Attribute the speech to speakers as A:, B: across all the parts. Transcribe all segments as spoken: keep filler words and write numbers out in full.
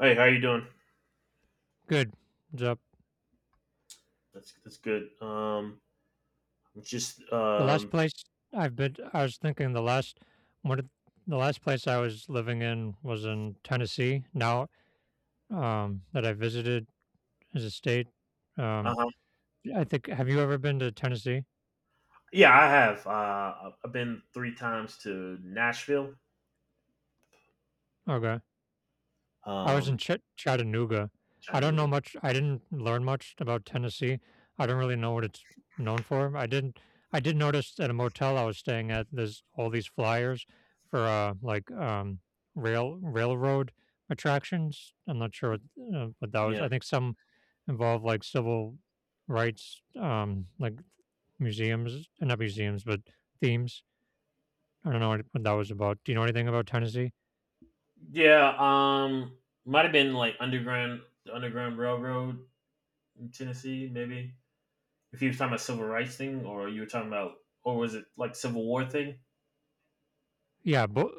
A: Hey, how you doing?
B: Good job.
A: That's that's good. Um, I'm just
B: The last
A: um,
B: place I've been, I was thinking the last one, of- the last place I was living in was in Tennessee. Now um, that I visited as a state, um,
A: uh-huh.
B: I think. Have you ever been to Tennessee?
A: Yeah, I have. Uh, I've been three times to Nashville.
B: Okay. I was in
A: Um,
B: Chat Chattanooga.
A: I
B: I don't
A: knew
B: know
A: it.
B: much. I didn't learn much about Tennessee. I don't really know what it's known for. I didn't I did notice at a motel I was staying at, there's all these flyers for, uh, like, um, rail railroad attractions. I'm not sure what, uh, what that was.
A: Yeah,
B: I think some involve, like, civil rights, um, like, museums, uh, not museums, but themes. I don't know what what that was about. Do you know anything about Tennessee?
A: yeah. Um, might have been like underground, the Underground Railroad in Tennessee, maybe. If you were talking about civil rights thing, or you were talking about, or was it like Civil War thing?
B: Yeah, but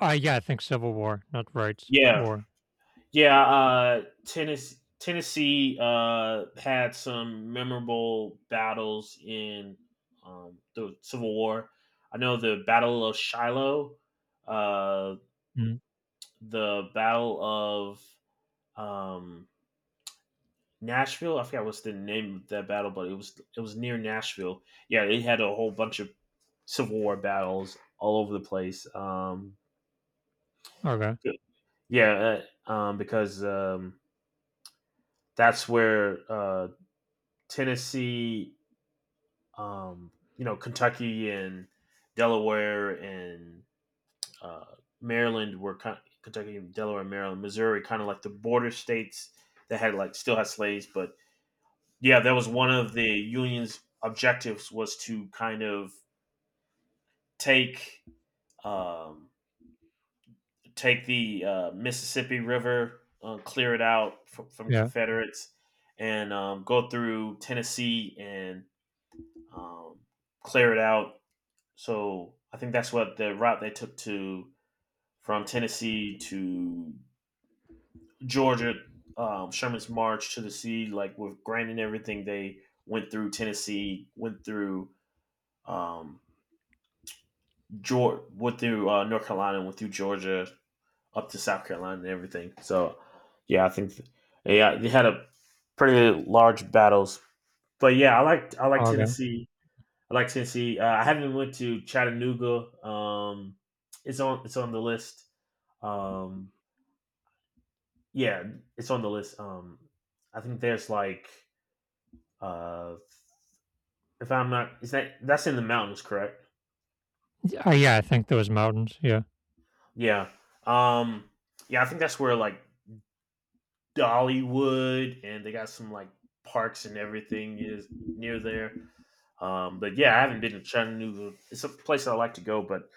B: uh, yeah, I think Civil War, not Rights
A: Yeah,
B: War.
A: Yeah, uh, Tennessee Tennessee uh, had some memorable battles in um, the Civil War. I know the Battle of Shiloh, uh,
B: Mm.
A: the Battle of um, Nashville. I forgot what's the name of that battle, but it was it was near Nashville. Yeah, they had a whole bunch of Civil War battles all over the place. Um,
B: Okay.
A: yeah, uh, um, because um, that's where uh, Tennessee, um, you know, Kentucky and Delaware and uh, Maryland were kind of, Kentucky, Delaware, Maryland, Missouri, kind of like the border states that had like still had slaves. But yeah, that was one of the union's objectives was to kind of take, um, take the uh, Mississippi River, uh, clear it out from, from
B: Yeah.
A: Confederates, and um, go through Tennessee and um, clear it out. So I think that's what the route they took to from Tennessee to Georgia, um, Sherman's March to the sea, like with Grant and everything. They went through Tennessee, went through um, Georgia, went through uh, North Carolina, went through Georgia up to South Carolina and everything. So yeah, I think th- yeah they had a pretty large battles. But yeah, I like I like
B: Okay.
A: Tennessee. I like Tennessee. Uh, I haven't went to Chattanooga. Um, it's on it's on the list. Um, yeah, it's on the list. Um, I think there's like uh, if I'm not, is that that's in the mountains, correct?
B: Uh, yeah, I think those mountains. Yeah.
A: Yeah. Um, yeah, I think that's where like Dollywood and they got some like parks and everything is near there. Um, but yeah, I haven't been to Chattanooga. It's a place I like to go, but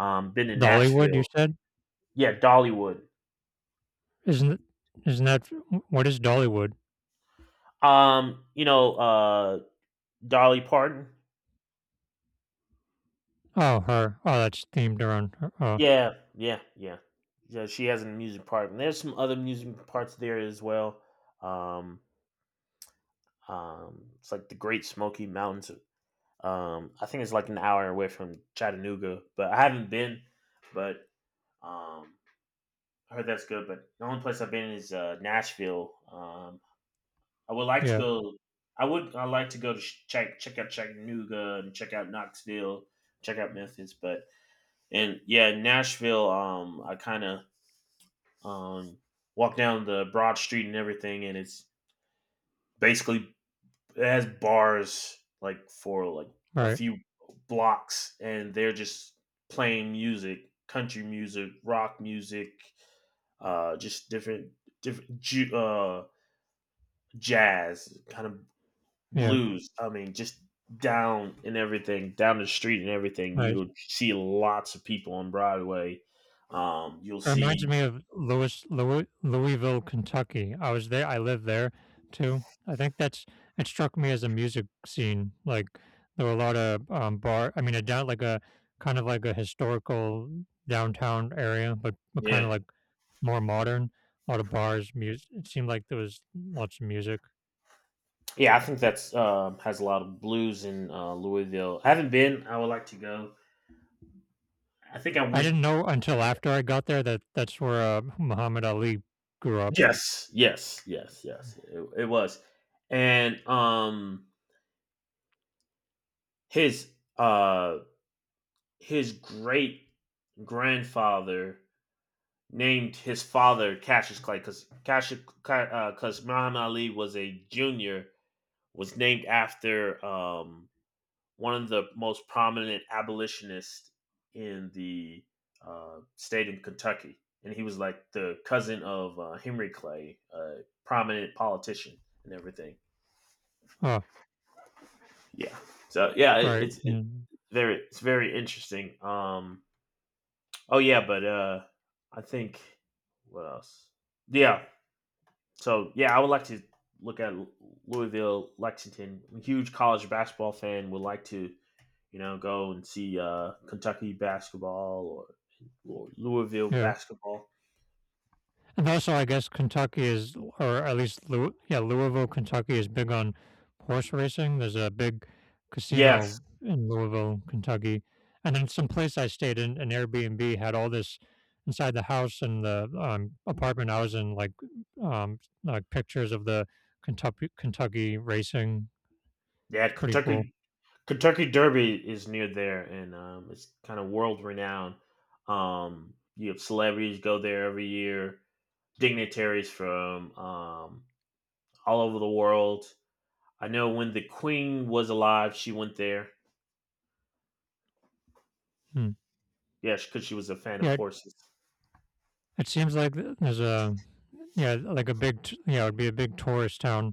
A: um, been to
B: Dollywood, you
A: Nashville.
B: said?
A: Yeah, Dollywood.
B: Isn't it? Isn't that What is Dollywood?
A: Um, you know, uh, Dolly Parton.
B: Oh, her. Oh, that's themed around her. Oh,
A: Yeah, yeah, yeah. Yeah, she has a music part, and there's some other music parts there as well. Um, um, it's like the Great Smoky Mountains. Um, I think it's like an hour away from Chattanooga, but I haven't been. But um, I heard that's good. But the only place I've been is uh, Nashville. Um, I would like to
B: yeah.
A: go. I would. I like to go to sh- check check out Chattanooga and check out Knoxville, check out Memphis. But and yeah, Nashville. Um, I kind of Um, walk down the broad street and everything, and it's basically it has bars like for like a
B: Right.
A: few blocks, and they're just playing music, country music, rock music, uh, just different different ju- uh jazz kind of
B: Yeah.
A: blues. I mean, just down and everything, down the street and everything.
B: Right.
A: You'll see lots of people on Broadway. Um, you'll
B: It reminds
A: see,
B: me of Louis, Louis Louisville, Kentucky. I was there. I lived there too. I think that's it struck me as a music scene. Like there were a lot of um, bar. I mean, a down like a kind of like a historical downtown area, but, but kind
A: yeah.
B: of like more modern. A lot of bars. Music. It seemed like there was lots of music.
A: Yeah, I think that's um, has a lot of blues in uh, Louisville. I haven't been. I would like to go. I think I
B: I
A: went.
B: didn't know until after I got there that that's where uh, Muhammad Ali grew up.
A: Yes, yes, yes, yes. It, it was, and um, his uh, his great grandfather named his father Cassius Clay because Cassius because Muhammad Ali was a junior was named after um one of the most prominent abolitionists in the uh, state of Kentucky, and he was like the cousin of uh, Henry Clay, a prominent politician and everything.
B: Oh,
A: Yeah. So yeah, it,
B: right.
A: it's it,
B: Yeah.
A: very it's very interesting. Um. Oh yeah, but uh, I think what else? Yeah. So yeah, I would like to look at Louisville, Lexington. I'm a huge college basketball fan. Would like to, you know, go and see uh, Kentucky basketball, or, or Louisville
B: Yeah.
A: basketball.
B: And also, I guess Kentucky is, or at least, Lou- yeah, Louisville, Kentucky is big on horse racing. There's a big
A: Yes,
B: casino in Louisville, Kentucky. And then some place I stayed in, an Airbnb, had all this inside the house and the um, apartment I was in, like um, like pictures of the Kentucky Kentucky racing.
A: yeah,
B: It's pretty cool.
A: Kentucky Kentucky Derby is near there, and um, it's kind of world renowned. Um, you have celebrities go there every year, dignitaries from um, all over the world. I know when the Queen was alive, she went there.
B: Hmm.
A: Yeah, because she was a fan of
B: Yeah,
A: horses.
B: it seems like there's a yeah, like a big t- yeah, it'd be a big tourist town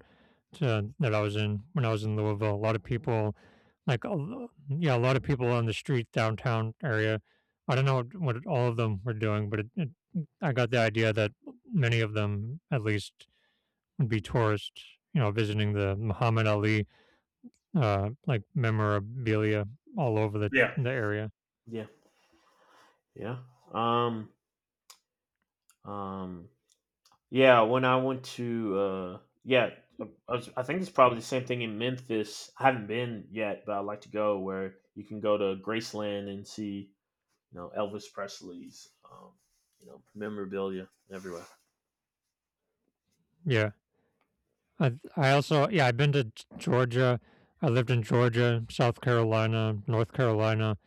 B: to, that I was in when I was in Louisville. A lot of people, like a lo- yeah, a lot of people on the street downtown area. I don't know what all of them were doing, but it, it, I got the idea that many of them, at least, would be tourists. You know, visiting the Muhammad Ali uh, like memorabilia all over the
A: Yeah,
B: the area.
A: yeah, yeah. Um, um, Yeah, when I went to uh yeah, I, I was- I think it's probably the same thing in Memphis. I haven't been yet, but I'd like to go where you can go to Graceland and see, you know, Elvis Presley's um, you know, memorabilia everywhere.
B: Yeah, I th- I also yeah, I've been to G Georgia. I lived in Georgia, South Carolina, North Carolina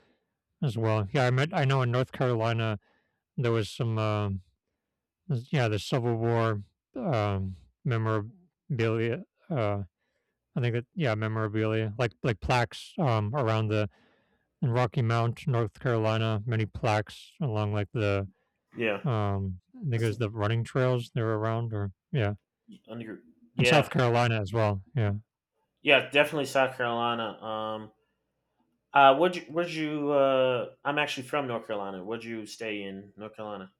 B: as well. Yeah, I met I know in North Carolina there was some, um, s yeah, the Civil War, um, memorabilia, uh, I think that yeah, memorabilia, like like plaques, um, around the in Rocky Mount, North Carolina, many plaques along like the
A: Yeah.
B: um I think it
A: That's
B: was the running trails they were around or yeah.
A: under.
B: And
A: Yeah.
B: South Carolina as well. Yeah.
A: Yeah, definitely South Carolina. Um uh would you would you uh I'm actually from North Carolina. Would you stay in North Carolina?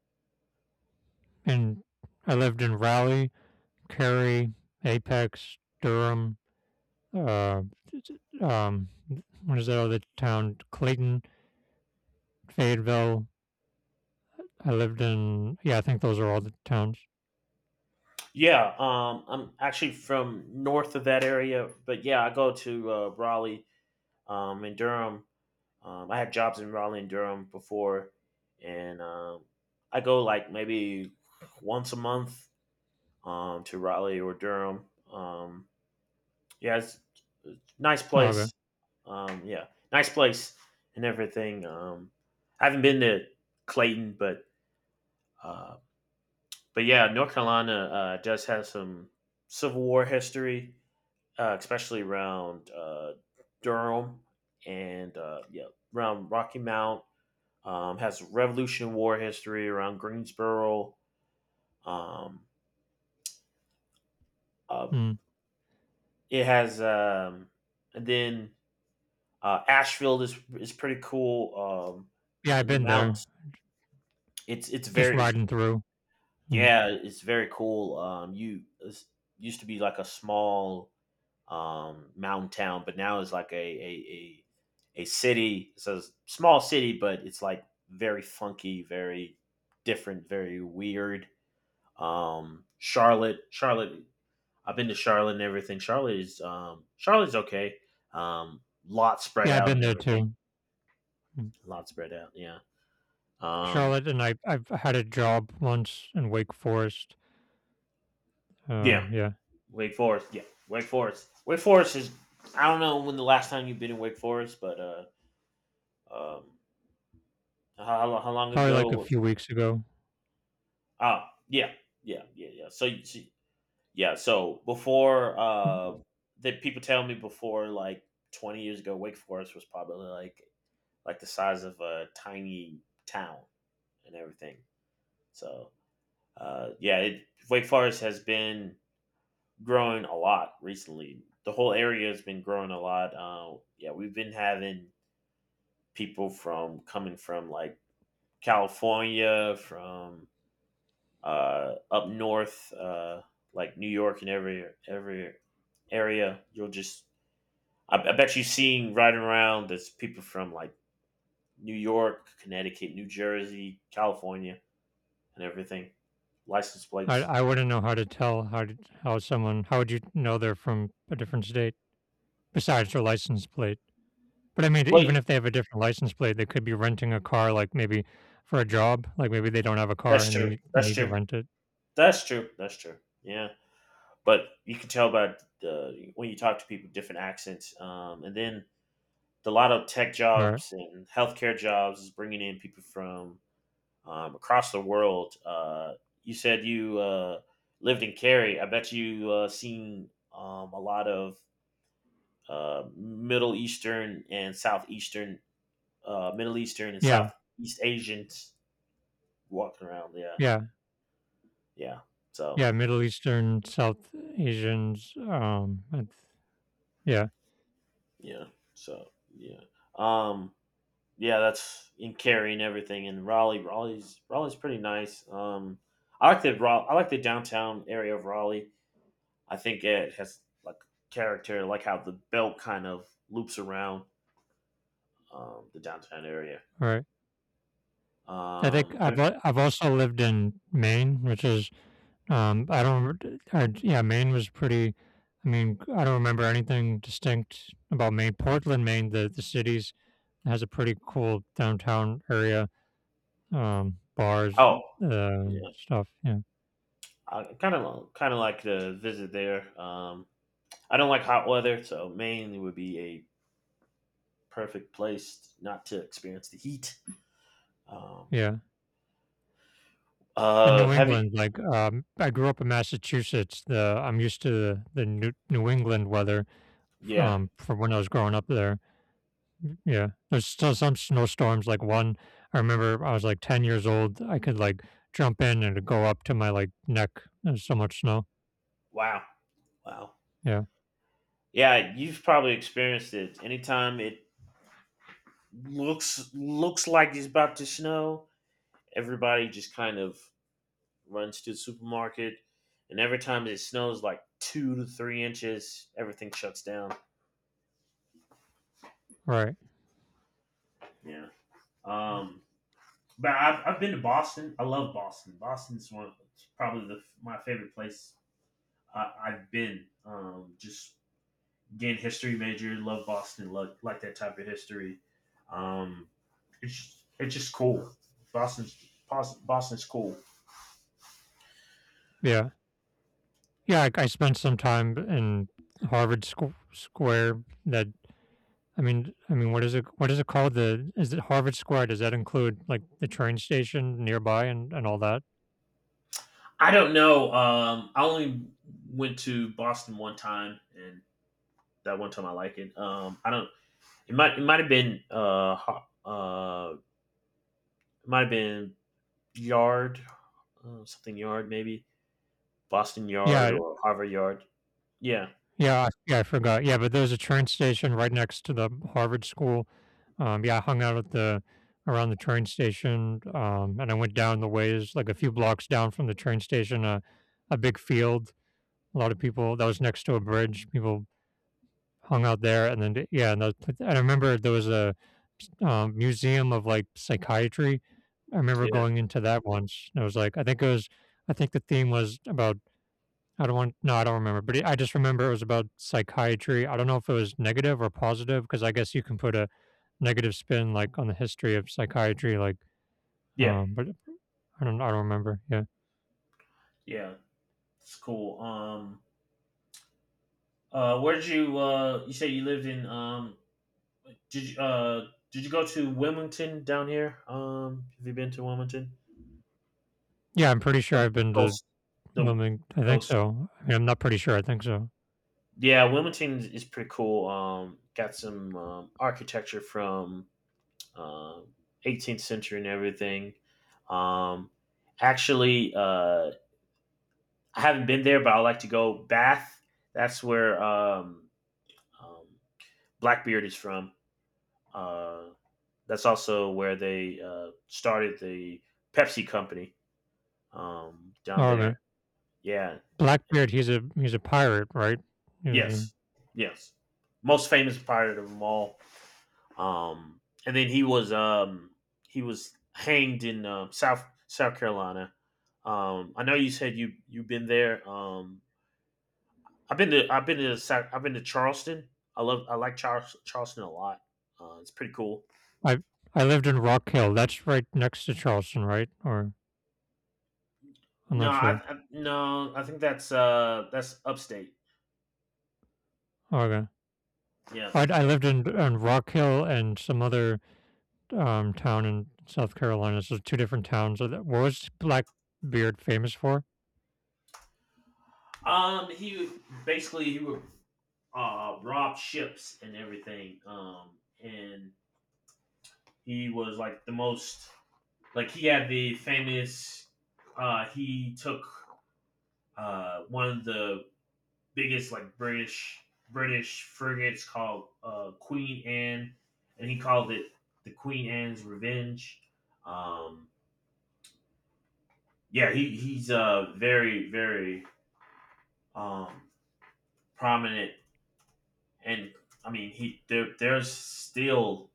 B: And I lived in Raleigh, Cary, Apex, Durham, uh um what is that other town? Clayton, Fayetteville. I lived in yeah, I think those are all the towns.
A: Yeah, um, I'm actually from north of that area, but yeah, I go to uh, Raleigh um, in Durham. Um, I had jobs in Raleigh and Durham before, and um, I go like maybe once a month um, to Raleigh or Durham. Um, yeah, it's, it's nice
B: Oh, okay.
A: place. Um, yeah, nice place and everything. Um, I haven't been to Clayton, but uh, but yeah, North Carolina uh, does have some Civil War history, uh, especially around uh, Durham and uh, yeah, around Rocky Mount. Um, has Revolution War history around Greensboro. Um, uh,
B: Mm.
A: it has, um, and then uh, Ashfield is is pretty cool. Um,
B: Yeah, I've
A: in the
B: been there.
A: mountains, it's it's
B: Just
A: very it's,
B: riding through. Mm.
A: yeah, it's very cool. Um, you it's, used to be like a small um, mountain town, but now it's like a a a, a city. It's a small city, but it's like very funky, very different, very weird. Um, Charlotte, Charlotte, I've been to Charlotte and everything. Charlotte is um, Charlotte's okay. Um, lot spread
B: Yeah, I've
A: out
B: been
A: and
B: there
A: everything.
B: too. Mm.
A: A lot spread out. Yeah. Um,
B: Charlotte and I I've had a job once in Wake Forest. Uh,
A: yeah.
B: yeah,
A: Wake Forest. Yeah. Wake Forest. Wake Forest is. I don't know when the last time you've been in Wake Forest, but uh, um, how, how, long
B: probably
A: ago?
B: like a
A: Was,
B: few weeks ago.
A: oh, yeah, yeah, yeah, yeah. So, you- so yeah. So before uh,
B: Mm.
A: that, people tell me before like twenty years ago, Wake Forest was probably like like the size of a tiny town and everything. So uh, yeah, it, Wake Forest has been growing a lot recently. The whole area has been growing a lot. Uh, yeah, we've been having people from coming from like California, from uh, up north, uh, like New York and every every area. You'll just I, I bet you seeing riding around. There's people from like New York, Connecticut, New Jersey, California, and everything. License
B: I
A: plates.
B: I wouldn't know how to tell how to how someone how would you know they're from a different state besides their license plate? But I mean, even
A: Wait,
B: if they have a different license plate, they could be renting a car, like maybe for a job. Like maybe they don't have a car
A: that's
B: and they
A: true.
B: need, they
A: That's
B: need to
A: true.
B: rent it.
A: That's true. That's true. Yeah, but you can tell by the when you talk to people, different accents, um, and then the a lot of tech
B: Or
A: jobs and healthcare jobs is bringing in people from um, across the world. Uh, you said you uh, lived in Cary. I bet you uh, seen um, a lot of uh, Middle Eastern and Southeastern, uh, Middle Eastern and
B: yeah,
A: Southeast Asians walking around. Yeah,
B: yeah,
A: yeah. So
B: yeah. Middle Eastern, South Asians. Um, I th- yeah.
A: yeah, so yeah. Um, yeah, that's in carrying everything. And Raleigh, Raleigh's Raleigh's pretty nice. Um, I like the Ra- I like the downtown area of Raleigh. I think it has like character, like how the belt kind of loops around um, the downtown area.
B: All right. I think
A: Um,
B: I've
A: have-
B: al- I've also lived in Maine, which is um, I don't remember. I, yeah, Maine was pretty. I mean, I don't remember anything distinct about Maine. Portland, Maine, the the cities has a pretty cool downtown area, um, bars,
A: oh
B: uh,
A: yeah,
B: stuff. Yeah,
A: I kind of kind of like to visit there. Um, I don't like hot weather, so Maine would be a perfect place not to experience the heat. Um,
B: yeah. And
A: uh,
B: New
A: have you?
B: England, like um, I grew up in Massachusetts. The I'm used to the, the New, New England weather
A: Yeah.
B: from from when I was growing up there. Mm, yeah, there's still some snowstorms. Like one, I remember I was like ten years old. I could like jump in and it'd go up to my like neck. There's so much snow.
A: Wow. Wow.
B: Yeah,
A: Yeah, you've probably experienced it. Anytime it looks looks like it's about to snow, everybody just kind of runs to the supermarket, and every time it snows like two to three inches, everything shuts down.
B: right.
A: Yeah. Um, but I've, I've been to Boston. I love Boston. Boston's one of, probably the, my favorite place I, I've been. Um, just Again, history major, love Boston, love, like that type of history. Um, it's it's just cool. Boston's Boston's cool.
B: Yeah, yeah. I, I spent some time in Harvard Squ- Square. That I mean, I mean, what is it? What is it called? The is it Harvard Square? Does that include like the train station nearby and and all that?
A: I don't know. Um, I only went to Boston one time, and that one time I like it. Um, I don't. It might it might have been uh uh it might have been Yard, uh, something Yard maybe Boston Yard
B: Yeah,
A: or Harvard Yard. Yeah,
B: yeah, yeah, I forgot. Yeah, but there's a train station right next to the Harvard School. Um, yeah, I hung out at the around the train station, um, and I went down the ways, like a few blocks down from the train station, a a big field. A lot of people. That was next to a bridge. People hung out there, and then d- yeah, and, that, and I remember there was a um, museum of like psychiatry. I remember
A: yeah,
B: going into that once. And it was like I think it was I think the theme was about I don't want no, I don't remember, but it, I just remember it was about psychiatry. I don't know if it was negative or positive because I guess you can put a negative spin like on the history of psychiatry, like,
A: yeah,
B: um, but I don't, I don't remember. Yeah,
A: yeah. It's cool. Um, Uh, where'd you uh you say you lived in um did you uh did you go to Wilmington down here? Um, have you been to Wilmington?
B: yeah, I'm pretty sure
A: Uh,
B: I've been to
A: coast, the
B: Wilmington. I think
A: coast.
B: so. I mean, I'm not pretty sure. I think so.
A: Yeah, Wilmington is is pretty cool. Um, got some um, architecture from um eighteenth century and everything. Um, actually, uh, I haven't been there, but I like to go Bath. That's where um, um Blackbeard is from. Uh. that's also where they uh, started the Pepsi company um, down
B: Oh, okay.
A: there. Yeah.
B: Blackbeard, he's a he's a pirate, right? He was a.
A: Yes. Yes. Most famous pirate of them all. Um, and then he was um, he was hanged in uh, South South Carolina. Um, I know you said you you've been there. Um, I've been to I've been to South, I've been to Charleston. I love I like Char- Charleston a lot. Uh, it's pretty cool.
B: I I lived in Rock Hill. That's right next to Charleston, right? Or I'm
A: No,
B: not
A: I,
B: sure.
A: I no, I think that's uh that's upstate.
B: Okay.
A: Yeah, I
B: I
A: think
B: I
A: that's
B: lived in in Rock Hill and some other um town in South Carolina. So two different towns. So that- what was Blackbeard famous for?
A: Um, he would basically he would uh rob ships and everything. Um, and he was like the most like he had the famous. Uh, he took uh one of the biggest like British British frigates called uh Queen Anne, and he called it the Queen Anne's Revenge. Um, yeah, he he's uh very very um prominent. And I mean he there there's still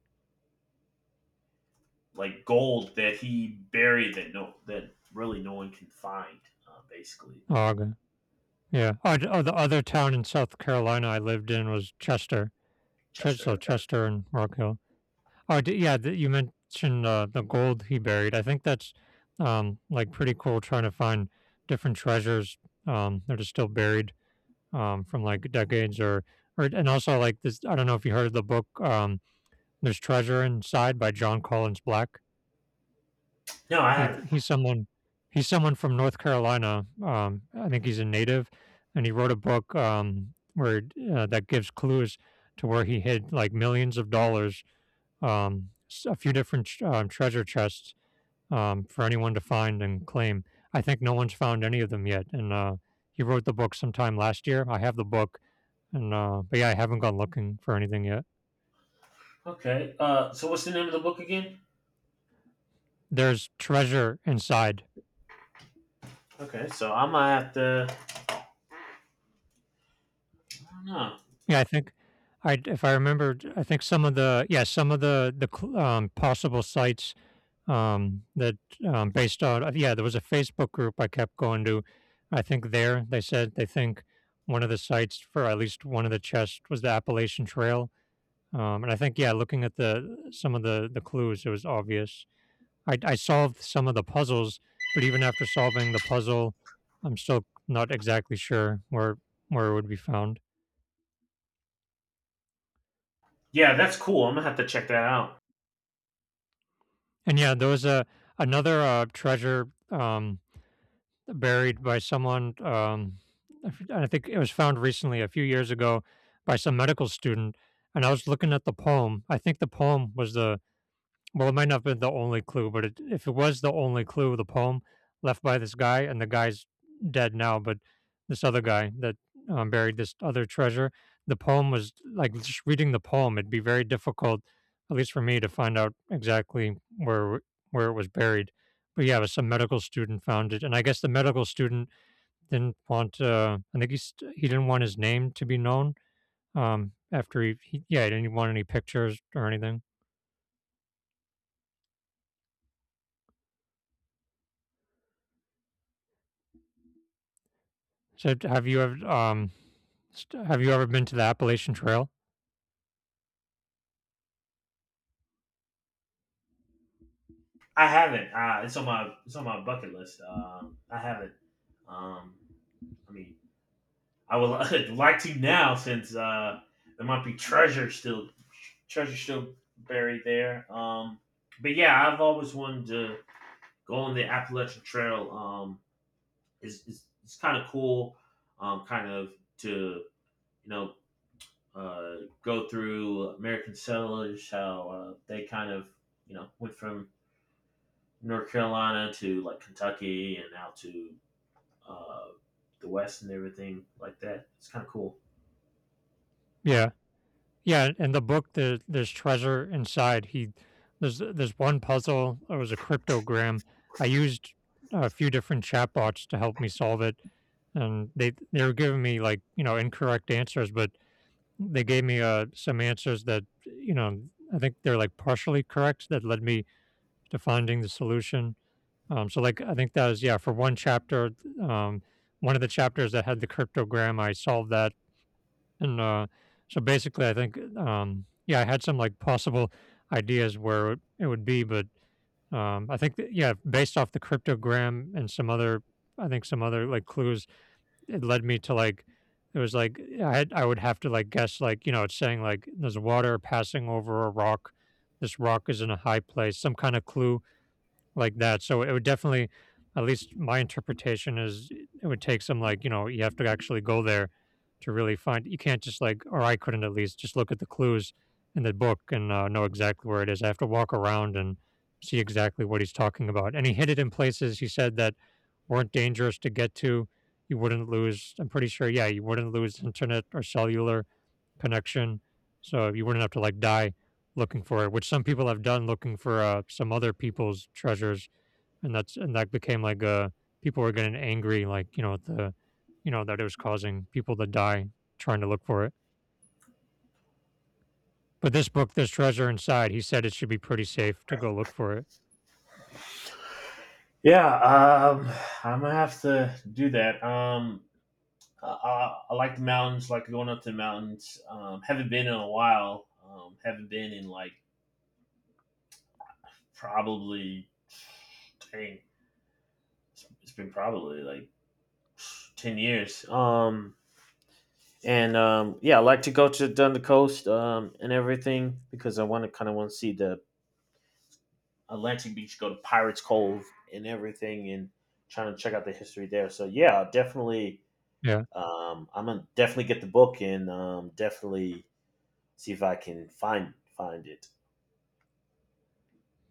A: like gold that he buried that no that really no one can find. Uh, basically,
B: Oh, okay. Yeah. Oh, d- oh, the other town in South Carolina I lived in was Chester. Ches-
A: Chester
B: so
A: Event.
B: Chester and Rock Hill. Oh, d- yeah. Th- you mentioned uh, the gold he buried. I think that's um, like pretty cool trying to find different treasures um, that are still buried um, from like decades or, or, and also like this. I don't know if you heard of the book, um, There's Treasure Inside by John Collins Black.
A: No, I
B: He d
A: haven't.
B: he's someone he's someone from North Carolina, um, I think he's a native, and he wrote a book, um, where uh, that gives clues to where he hid, like, millions of dollars, um, s a few different tr um, treasure chests, um, for anyone to find and claim. I think no one's found any of them yet, and, uh, he wrote the book sometime last year. I have the book, and, uh but, yeah, I haven't gone looking for anything yet.
A: Okay. Uh, so what's the name of the book again?
B: There's treasure inside.
A: Okay, so I'm gonna have to. I don't know.
B: Yeah, I think I if I remember, I think some of the yeah, some of the the cl um, possible sites, um, that, um, based on uh, yeah, there was a Facebook group I kept going to. I think there they said they think one of the sites for at least one of the chests was the Appalachian Trail, um, and I think, yeah, looking at the some of the the clues, it was obvious. I I solved some of the puzzles, but even after solving the puzzle, I'm still not exactly sure where where it would be found.
A: Yeah, that's cool. I'm gonna have to check that out.
B: And yeah, there was a another uh, treasure um, buried by someone. Um, I f- I think it was found recently, a few years ago, by some medical student. And I was looking at the poem. I think the poem was the well, it might not have been the only clue, but it, if it was the only clue, the poem left by this guy, and the guy's dead now, but this other guy that um, buried this other treasure, the poem was like just reading the poem, it'd be very difficult, at least for me, to find out exactly where where it was buried. But yeah, it was some medical student found it, and I guess the medical student didn't want. Uh, I think he st- he didn't want his name to be known. Um, after he, he yeah, he didn't want any pictures or anything. So have you ever um St- Have you ever been to the Appalachian Trail?
A: I haven't. Uh, it's on my it's on my bucket list. Uh, I haven't. Um, I mean, I would like to now since uh, there might be treasure still treasure still buried there. Um, but yeah, I've always wanted to going the Appalachian Trail um, is, is, is kind of cool, um, kind of to, you know, uh, go through American settlers, how uh, they kind of, you know, went from North Carolina to like Kentucky and out to uh, the West and everything like that. It's kind of cool.
B: Yeah. Yeah, in the book, there there's treasure inside. He there's there's one puzzle, it was a cryptogram. I used a few different chatbots to help me solve it, and they they were giving me, like, you know, incorrect answers, but they gave me, uh, some answers that, you know, I think they're, like, partially correct that led me to finding the solution. Um, so like I think that was, yeah, for one chapter, um, one of the chapters that had the cryptogram. I solved that, and uh, so basically I think, um, yeah, I had some, like, possible ideas where it, it would be. But um, I think that, yeah, based off the cryptogram and some other, I think some other, like, clues, it led me to, like, it was like I had, I would have to, like, guess, like, you know, it's saying like there's water passing over a rock, this rock is in a high place, some kind of clue like that. So it would definitely, at least my interpretation is, it would take some, like, you know, you have to actually go there to really find. You can't just, like, or I couldn't at least just look at the clues in the book and uh, know exactly where it is. I have to walk around and see exactly what he's talking about. And he hid it in places, he said, that weren't dangerous to get to. You wouldn't lose. I'm pretty sure. Yeah, you wouldn't lose internet or cellular connection, so you wouldn't have to, like, die looking for it, which some people have done, looking for uh, some other people's treasures. And that's, and that became like, uh people were getting angry, like, you know, at the, you know, that it was causing people to die trying to look for it. But this book, this treasure inside, he said it should be pretty safe to go look for it.
A: Yeah, um, I'm gonna have to do that. Um, I, I, I like the mountains, like going up to the mountains. Um, haven't been in a while. Um, haven't been in like probably dang, it's been probably like ten years. Um, and um, yeah, I like to go to down the coast um, and everything because I want to kind of want to see the Atlantic Beach, go to Pirates Cove and everything, and trying to check out the history there. So yeah, definitely.
B: Yeah.
A: Um, I'm gonna definitely get the book and um, definitely see if I can find find it.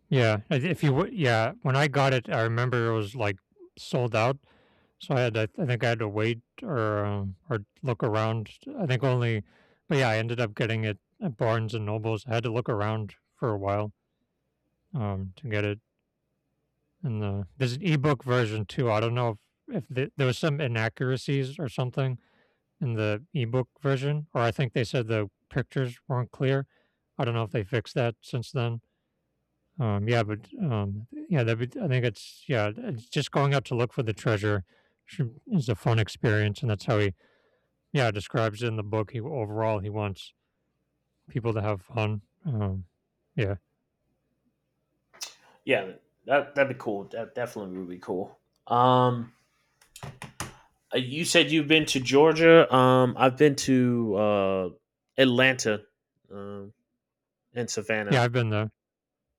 B: Yeah, I- if you would. Yeah, when I got it, I remember it was like sold out. So I had to, I think I had to wait, or um, or look around. I think only, but yeah, I ended up getting it at Barnes& and Nobles. I had to look around for a while, um, to get it. And the there's an ebook version too. I don't know if if the there was some inaccuracies or something in the ebook version, or I think they said the pictures weren't clear. I don't know if they fixed that since then. Um, yeah, but, um, yeah, that would, I think it's, yeah, it's just going out to look for the treasure should is a fun experience. And that's how we, yeah, describes in the book, he overall he wants people to have fun. Um, yeah.
A: Yeah, that that'd be cool. That definitely would be cool. Um, Uh, You said you've been to Georgia. Um, I've been to uh, Atlanta um, and
B: Yeah,
A: Savannah.
B: I've been there,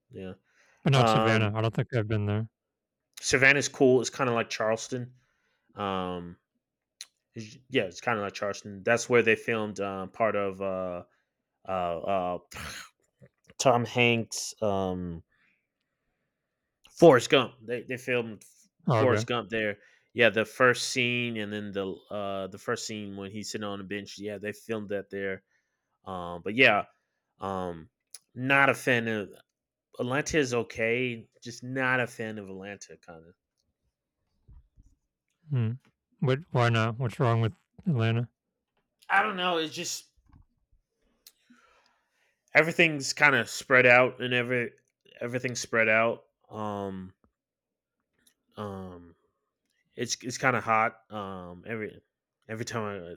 A: Yeah,
B: but not Savannah.
A: um,
B: I don't think I've been there.
A: Savannah's cool. It's kind of like Charleston. Um, it's- yeah, it's kind of like Charleston. That's where they filmed um, part of uh, uh, uh, Tom Hanks' um, Forrest Gump. They they filmed
B: Oh,
A: Forrest
B: okay.
A: Gump there. Yeah, the first scene and then the uh, the first scene when he's sitting on the bench. Yeah, they filmed that there. Um, but yeah, um, not a fan of Atlanta. Is okay, just not a fan of Atlanta. Kind of,
B: Hmm. But why not? What's wrong with Atlanta?
A: I don't know. It's just everything's kind of spread out, and every everything's spread out. Um, um, it's it's kind of hot. Um, every every time I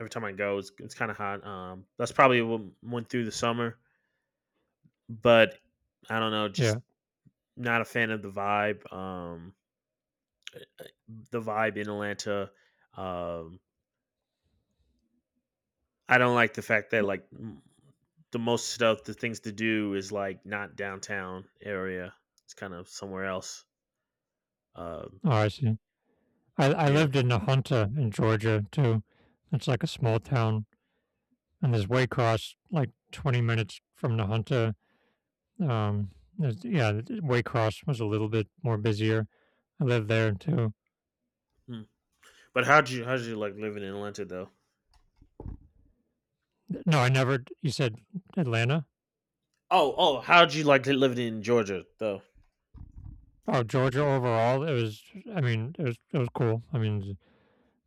A: every time I go, it's, it's kind of hot. Um, that's probably what went through the summer, but I don't know, just
B: Yeah.
A: not a fan of the vibe. Um, the vibe in Atlanta. Um, I don't like the fact that like m- the most stuff, the things to do is like not downtown area. It's kind of somewhere else. Um,
B: Oh, I see. I, I
A: yeah.
B: lived in Nahunta in Georgia too. It's like a small town, and there's Waycross, like twenty minutes from Nahunta. Um, there's- yeah, th- Waycross was a little bit more busier. I lived there too.
A: Hmm. But how'd you how'd you like living in Atlanta though?
B: No, I never. You said Atlanta?
A: Oh oh, how'd you like living in Georgia though?
B: Oh, Georgia overall, it was. I mean, it was. It was cool. I mean,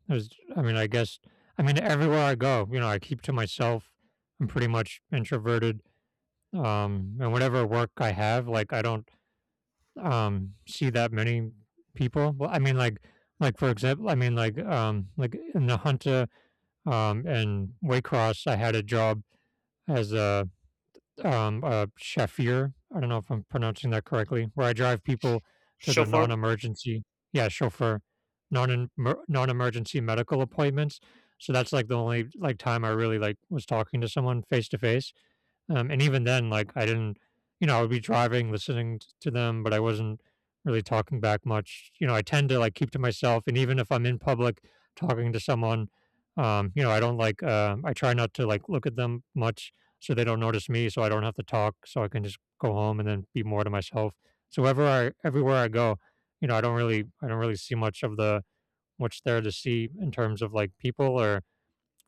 B: it was. I mean, I guess. I mean, everywhere I go, you know, I keep to myself. I'm pretty much introverted. Um, and whatever work I have, like, I don't um see that many people. Well, I mean, like, like for example, I mean, like, um, like in the Hunter, um, and Waycross, I had a job as a um, uh, Shafir. I don't know if I'm pronouncing that correctly, where I drive people to their
A: Chauffeur.
B: non-emergency, yeah, chauffeur, non non-emergency medical appointments. So that's like the only like time I really like was talking to someone face to face. Um, and even then, like I didn't, you know, I would be driving, listening t- to them, but I wasn't really talking back much. You know, I tend to like keep to myself, and even if I'm in public talking to someone, um, you know, I don't like. Uh, I try not to like look at them much, so they don't notice me, so I don't have to talk, so I can just go home and then be more to myself. So wherever I, everywhere I go, you know, I don't really, I don't really see much of the what's there to see in terms of like people or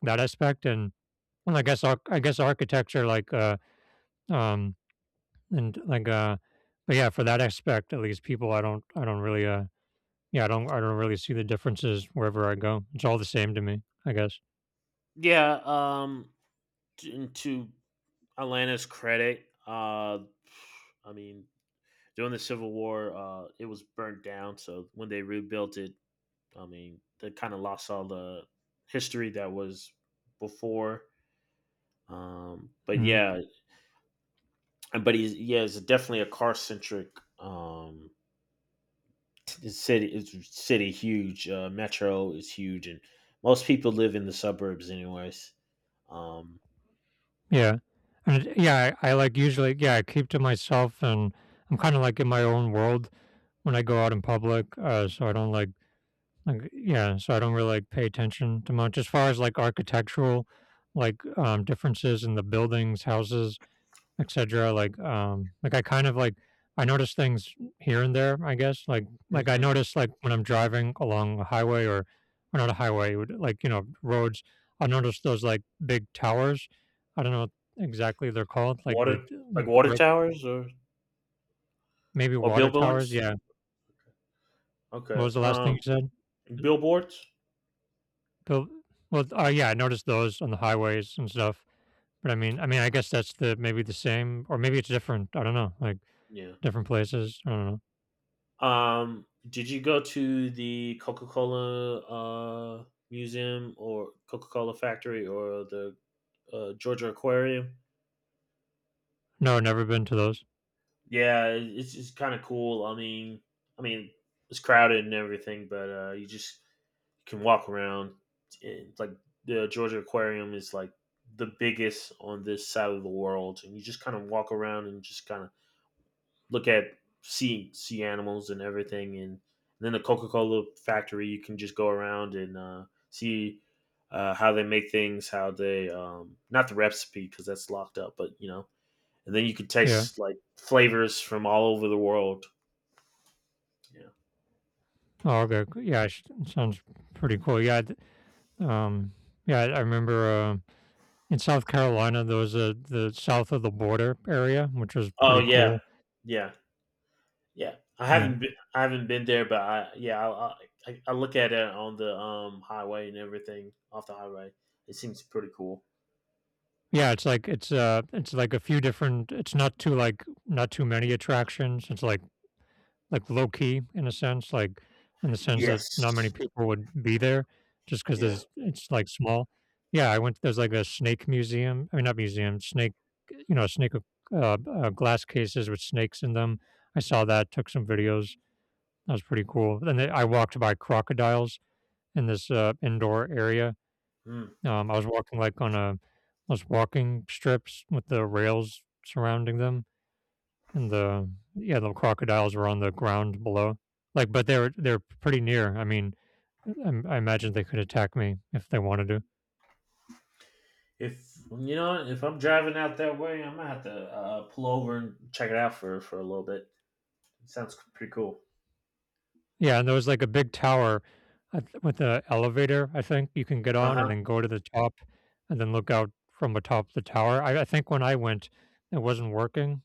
B: that aspect. And and I guess arch- I guess architecture, like uh, um, and like, uh, but yeah, for that aspect, at least people, I don't, I don't really, uh, yeah, I don't, I don't really see the differences wherever I go. It's all the same to me, I guess.
A: Yeah. Um. t- To Atlanta's credit, uh, I mean, during the Civil War, uh, it was burnt down. So when they rebuilt it, I mean, they kind of lost all the history that was before. Um, but
B: Mm.
A: yeah, but he's yeah, it's definitely a car centric um, city. It's city huge. Uh, metro is huge, and most people live in the suburbs, anyways. Um,
B: Yeah. And it- yeah, I, I like usually, yeah, I keep to myself, and I'm kind of like in my own world when I go out in public. Uh, so I don't like, like, yeah, so I don't really like pay attention to much as far as like architectural, like, um, differences in the buildings, houses, et cetera. Like, um, like I kind of like I notice things here and there. I guess like like I
A: hmm,
B: notice like when I'm driving along a highway, or or not a highway, would- like you know, roads. I notice those like big towers. I don't know what exactly they're called. Like the
A: water, like
B: like
A: water
B: brick,
A: towers or
B: maybe
A: or
B: water towers.
A: billboards.
B: Yeah. What
A: Okay,
B: was the last thing you
A: um,
B: said?
A: billboards.
B: Bill, well, uh, yeah, I noticed those on the highways and stuff. But I mean, I mean, I guess that's the maybe the same, or maybe it's different. I don't know, like
A: Yeah.
B: different places. I don't know.
A: Um, did you go to the Coca Cola uh, museum or Coca Cola factory or the uh, Georgia Aquarium?
B: No, never been to those.
A: Yeah, it- it's it's kind of cool. I mean, I mean, it's crowded and everything, but uh, you just can walk around. It's like the Georgia Aquarium is like the biggest on this side of the world, and you just kind of walk around and just kind of look at sea sea animals and everything, and then the Coca Cola factory. You can just go around and uh, see uh, how they make things, how they um, not the recipe because that's locked up, but you know, and then you can
B: Yeah.
A: taste like flavors from all over the world. Yeah.
B: Oh, okay. Cool. Yeah, sh- sounds pretty cool. Yeah, th- um, yeah. I remember uh, in South Carolina there was a the south of the border area, which was
A: Oh
B: pretty
A: yeah,
B: cool.
A: yeah, yeah. I
B: Yeah,
A: haven't been, I haven't been there, but I yeah, I, I I look at it on the um highway and everything off the highway. It seems pretty cool.
B: yeah. It's like it's, uh, it's like a few different. It's not too like not too many attractions. It's like Like, low key in a sense, like, in the sense that not many
A: Yes.
B: people would be there, just because
A: Yeah.
B: there's it's like small. Yeah, I went, there's like a snake museum, I mean, not museum, snake, you know, snake, uh, uh, uh, glass cases with snakes in them. I saw that, took some videos. That was pretty cool. And then I walked by crocodiles in this, uh, indoor area.
A: Mm.
B: Um, I was walking, like, on a, those walking strips with the rails surrounding them. And the, yeah, the crocodiles were on the ground below. Like, but they're they're pretty near. I mean, I, I imagine they could attack me if they wanted to.
A: If you know, if I'm driving out that way, I'm gonna have to uh, pull over and check it out for for a little bit. It sounds pretty cool.
B: Yeah, and there was like a big tower, I th- with an elevator. I think you can get
A: Uh
B: on and
A: huh.
B: then go to the top, and then look out from atop the tower. I, I think when I went, it wasn't working,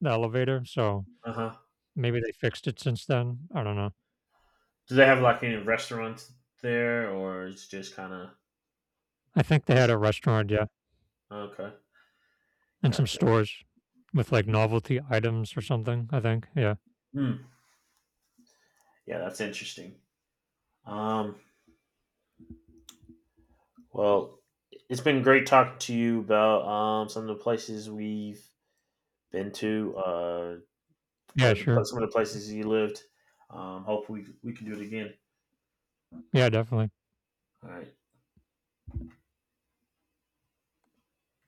B: the elevator, so
A: Uh huh.
B: maybe they fixed it since then. I don't know.
A: Do they have like any restaurants there, or it's just kind of
B: I think they had
A: just
B: a restaurant, yeah,
A: okay?
B: and some
A: Gotcha.
B: stores with like novelty items or something, I think. Yeah.
A: Hmm. Yeah, that's interesting. Um. Well, it's been great talking to you about um some of the places we've been to, uh,
B: Yeah,
A: or the pla-
B: sure.
A: some of the places you lived. Um. Hope we we can do it again.
B: Yeah, definitely.
A: All right.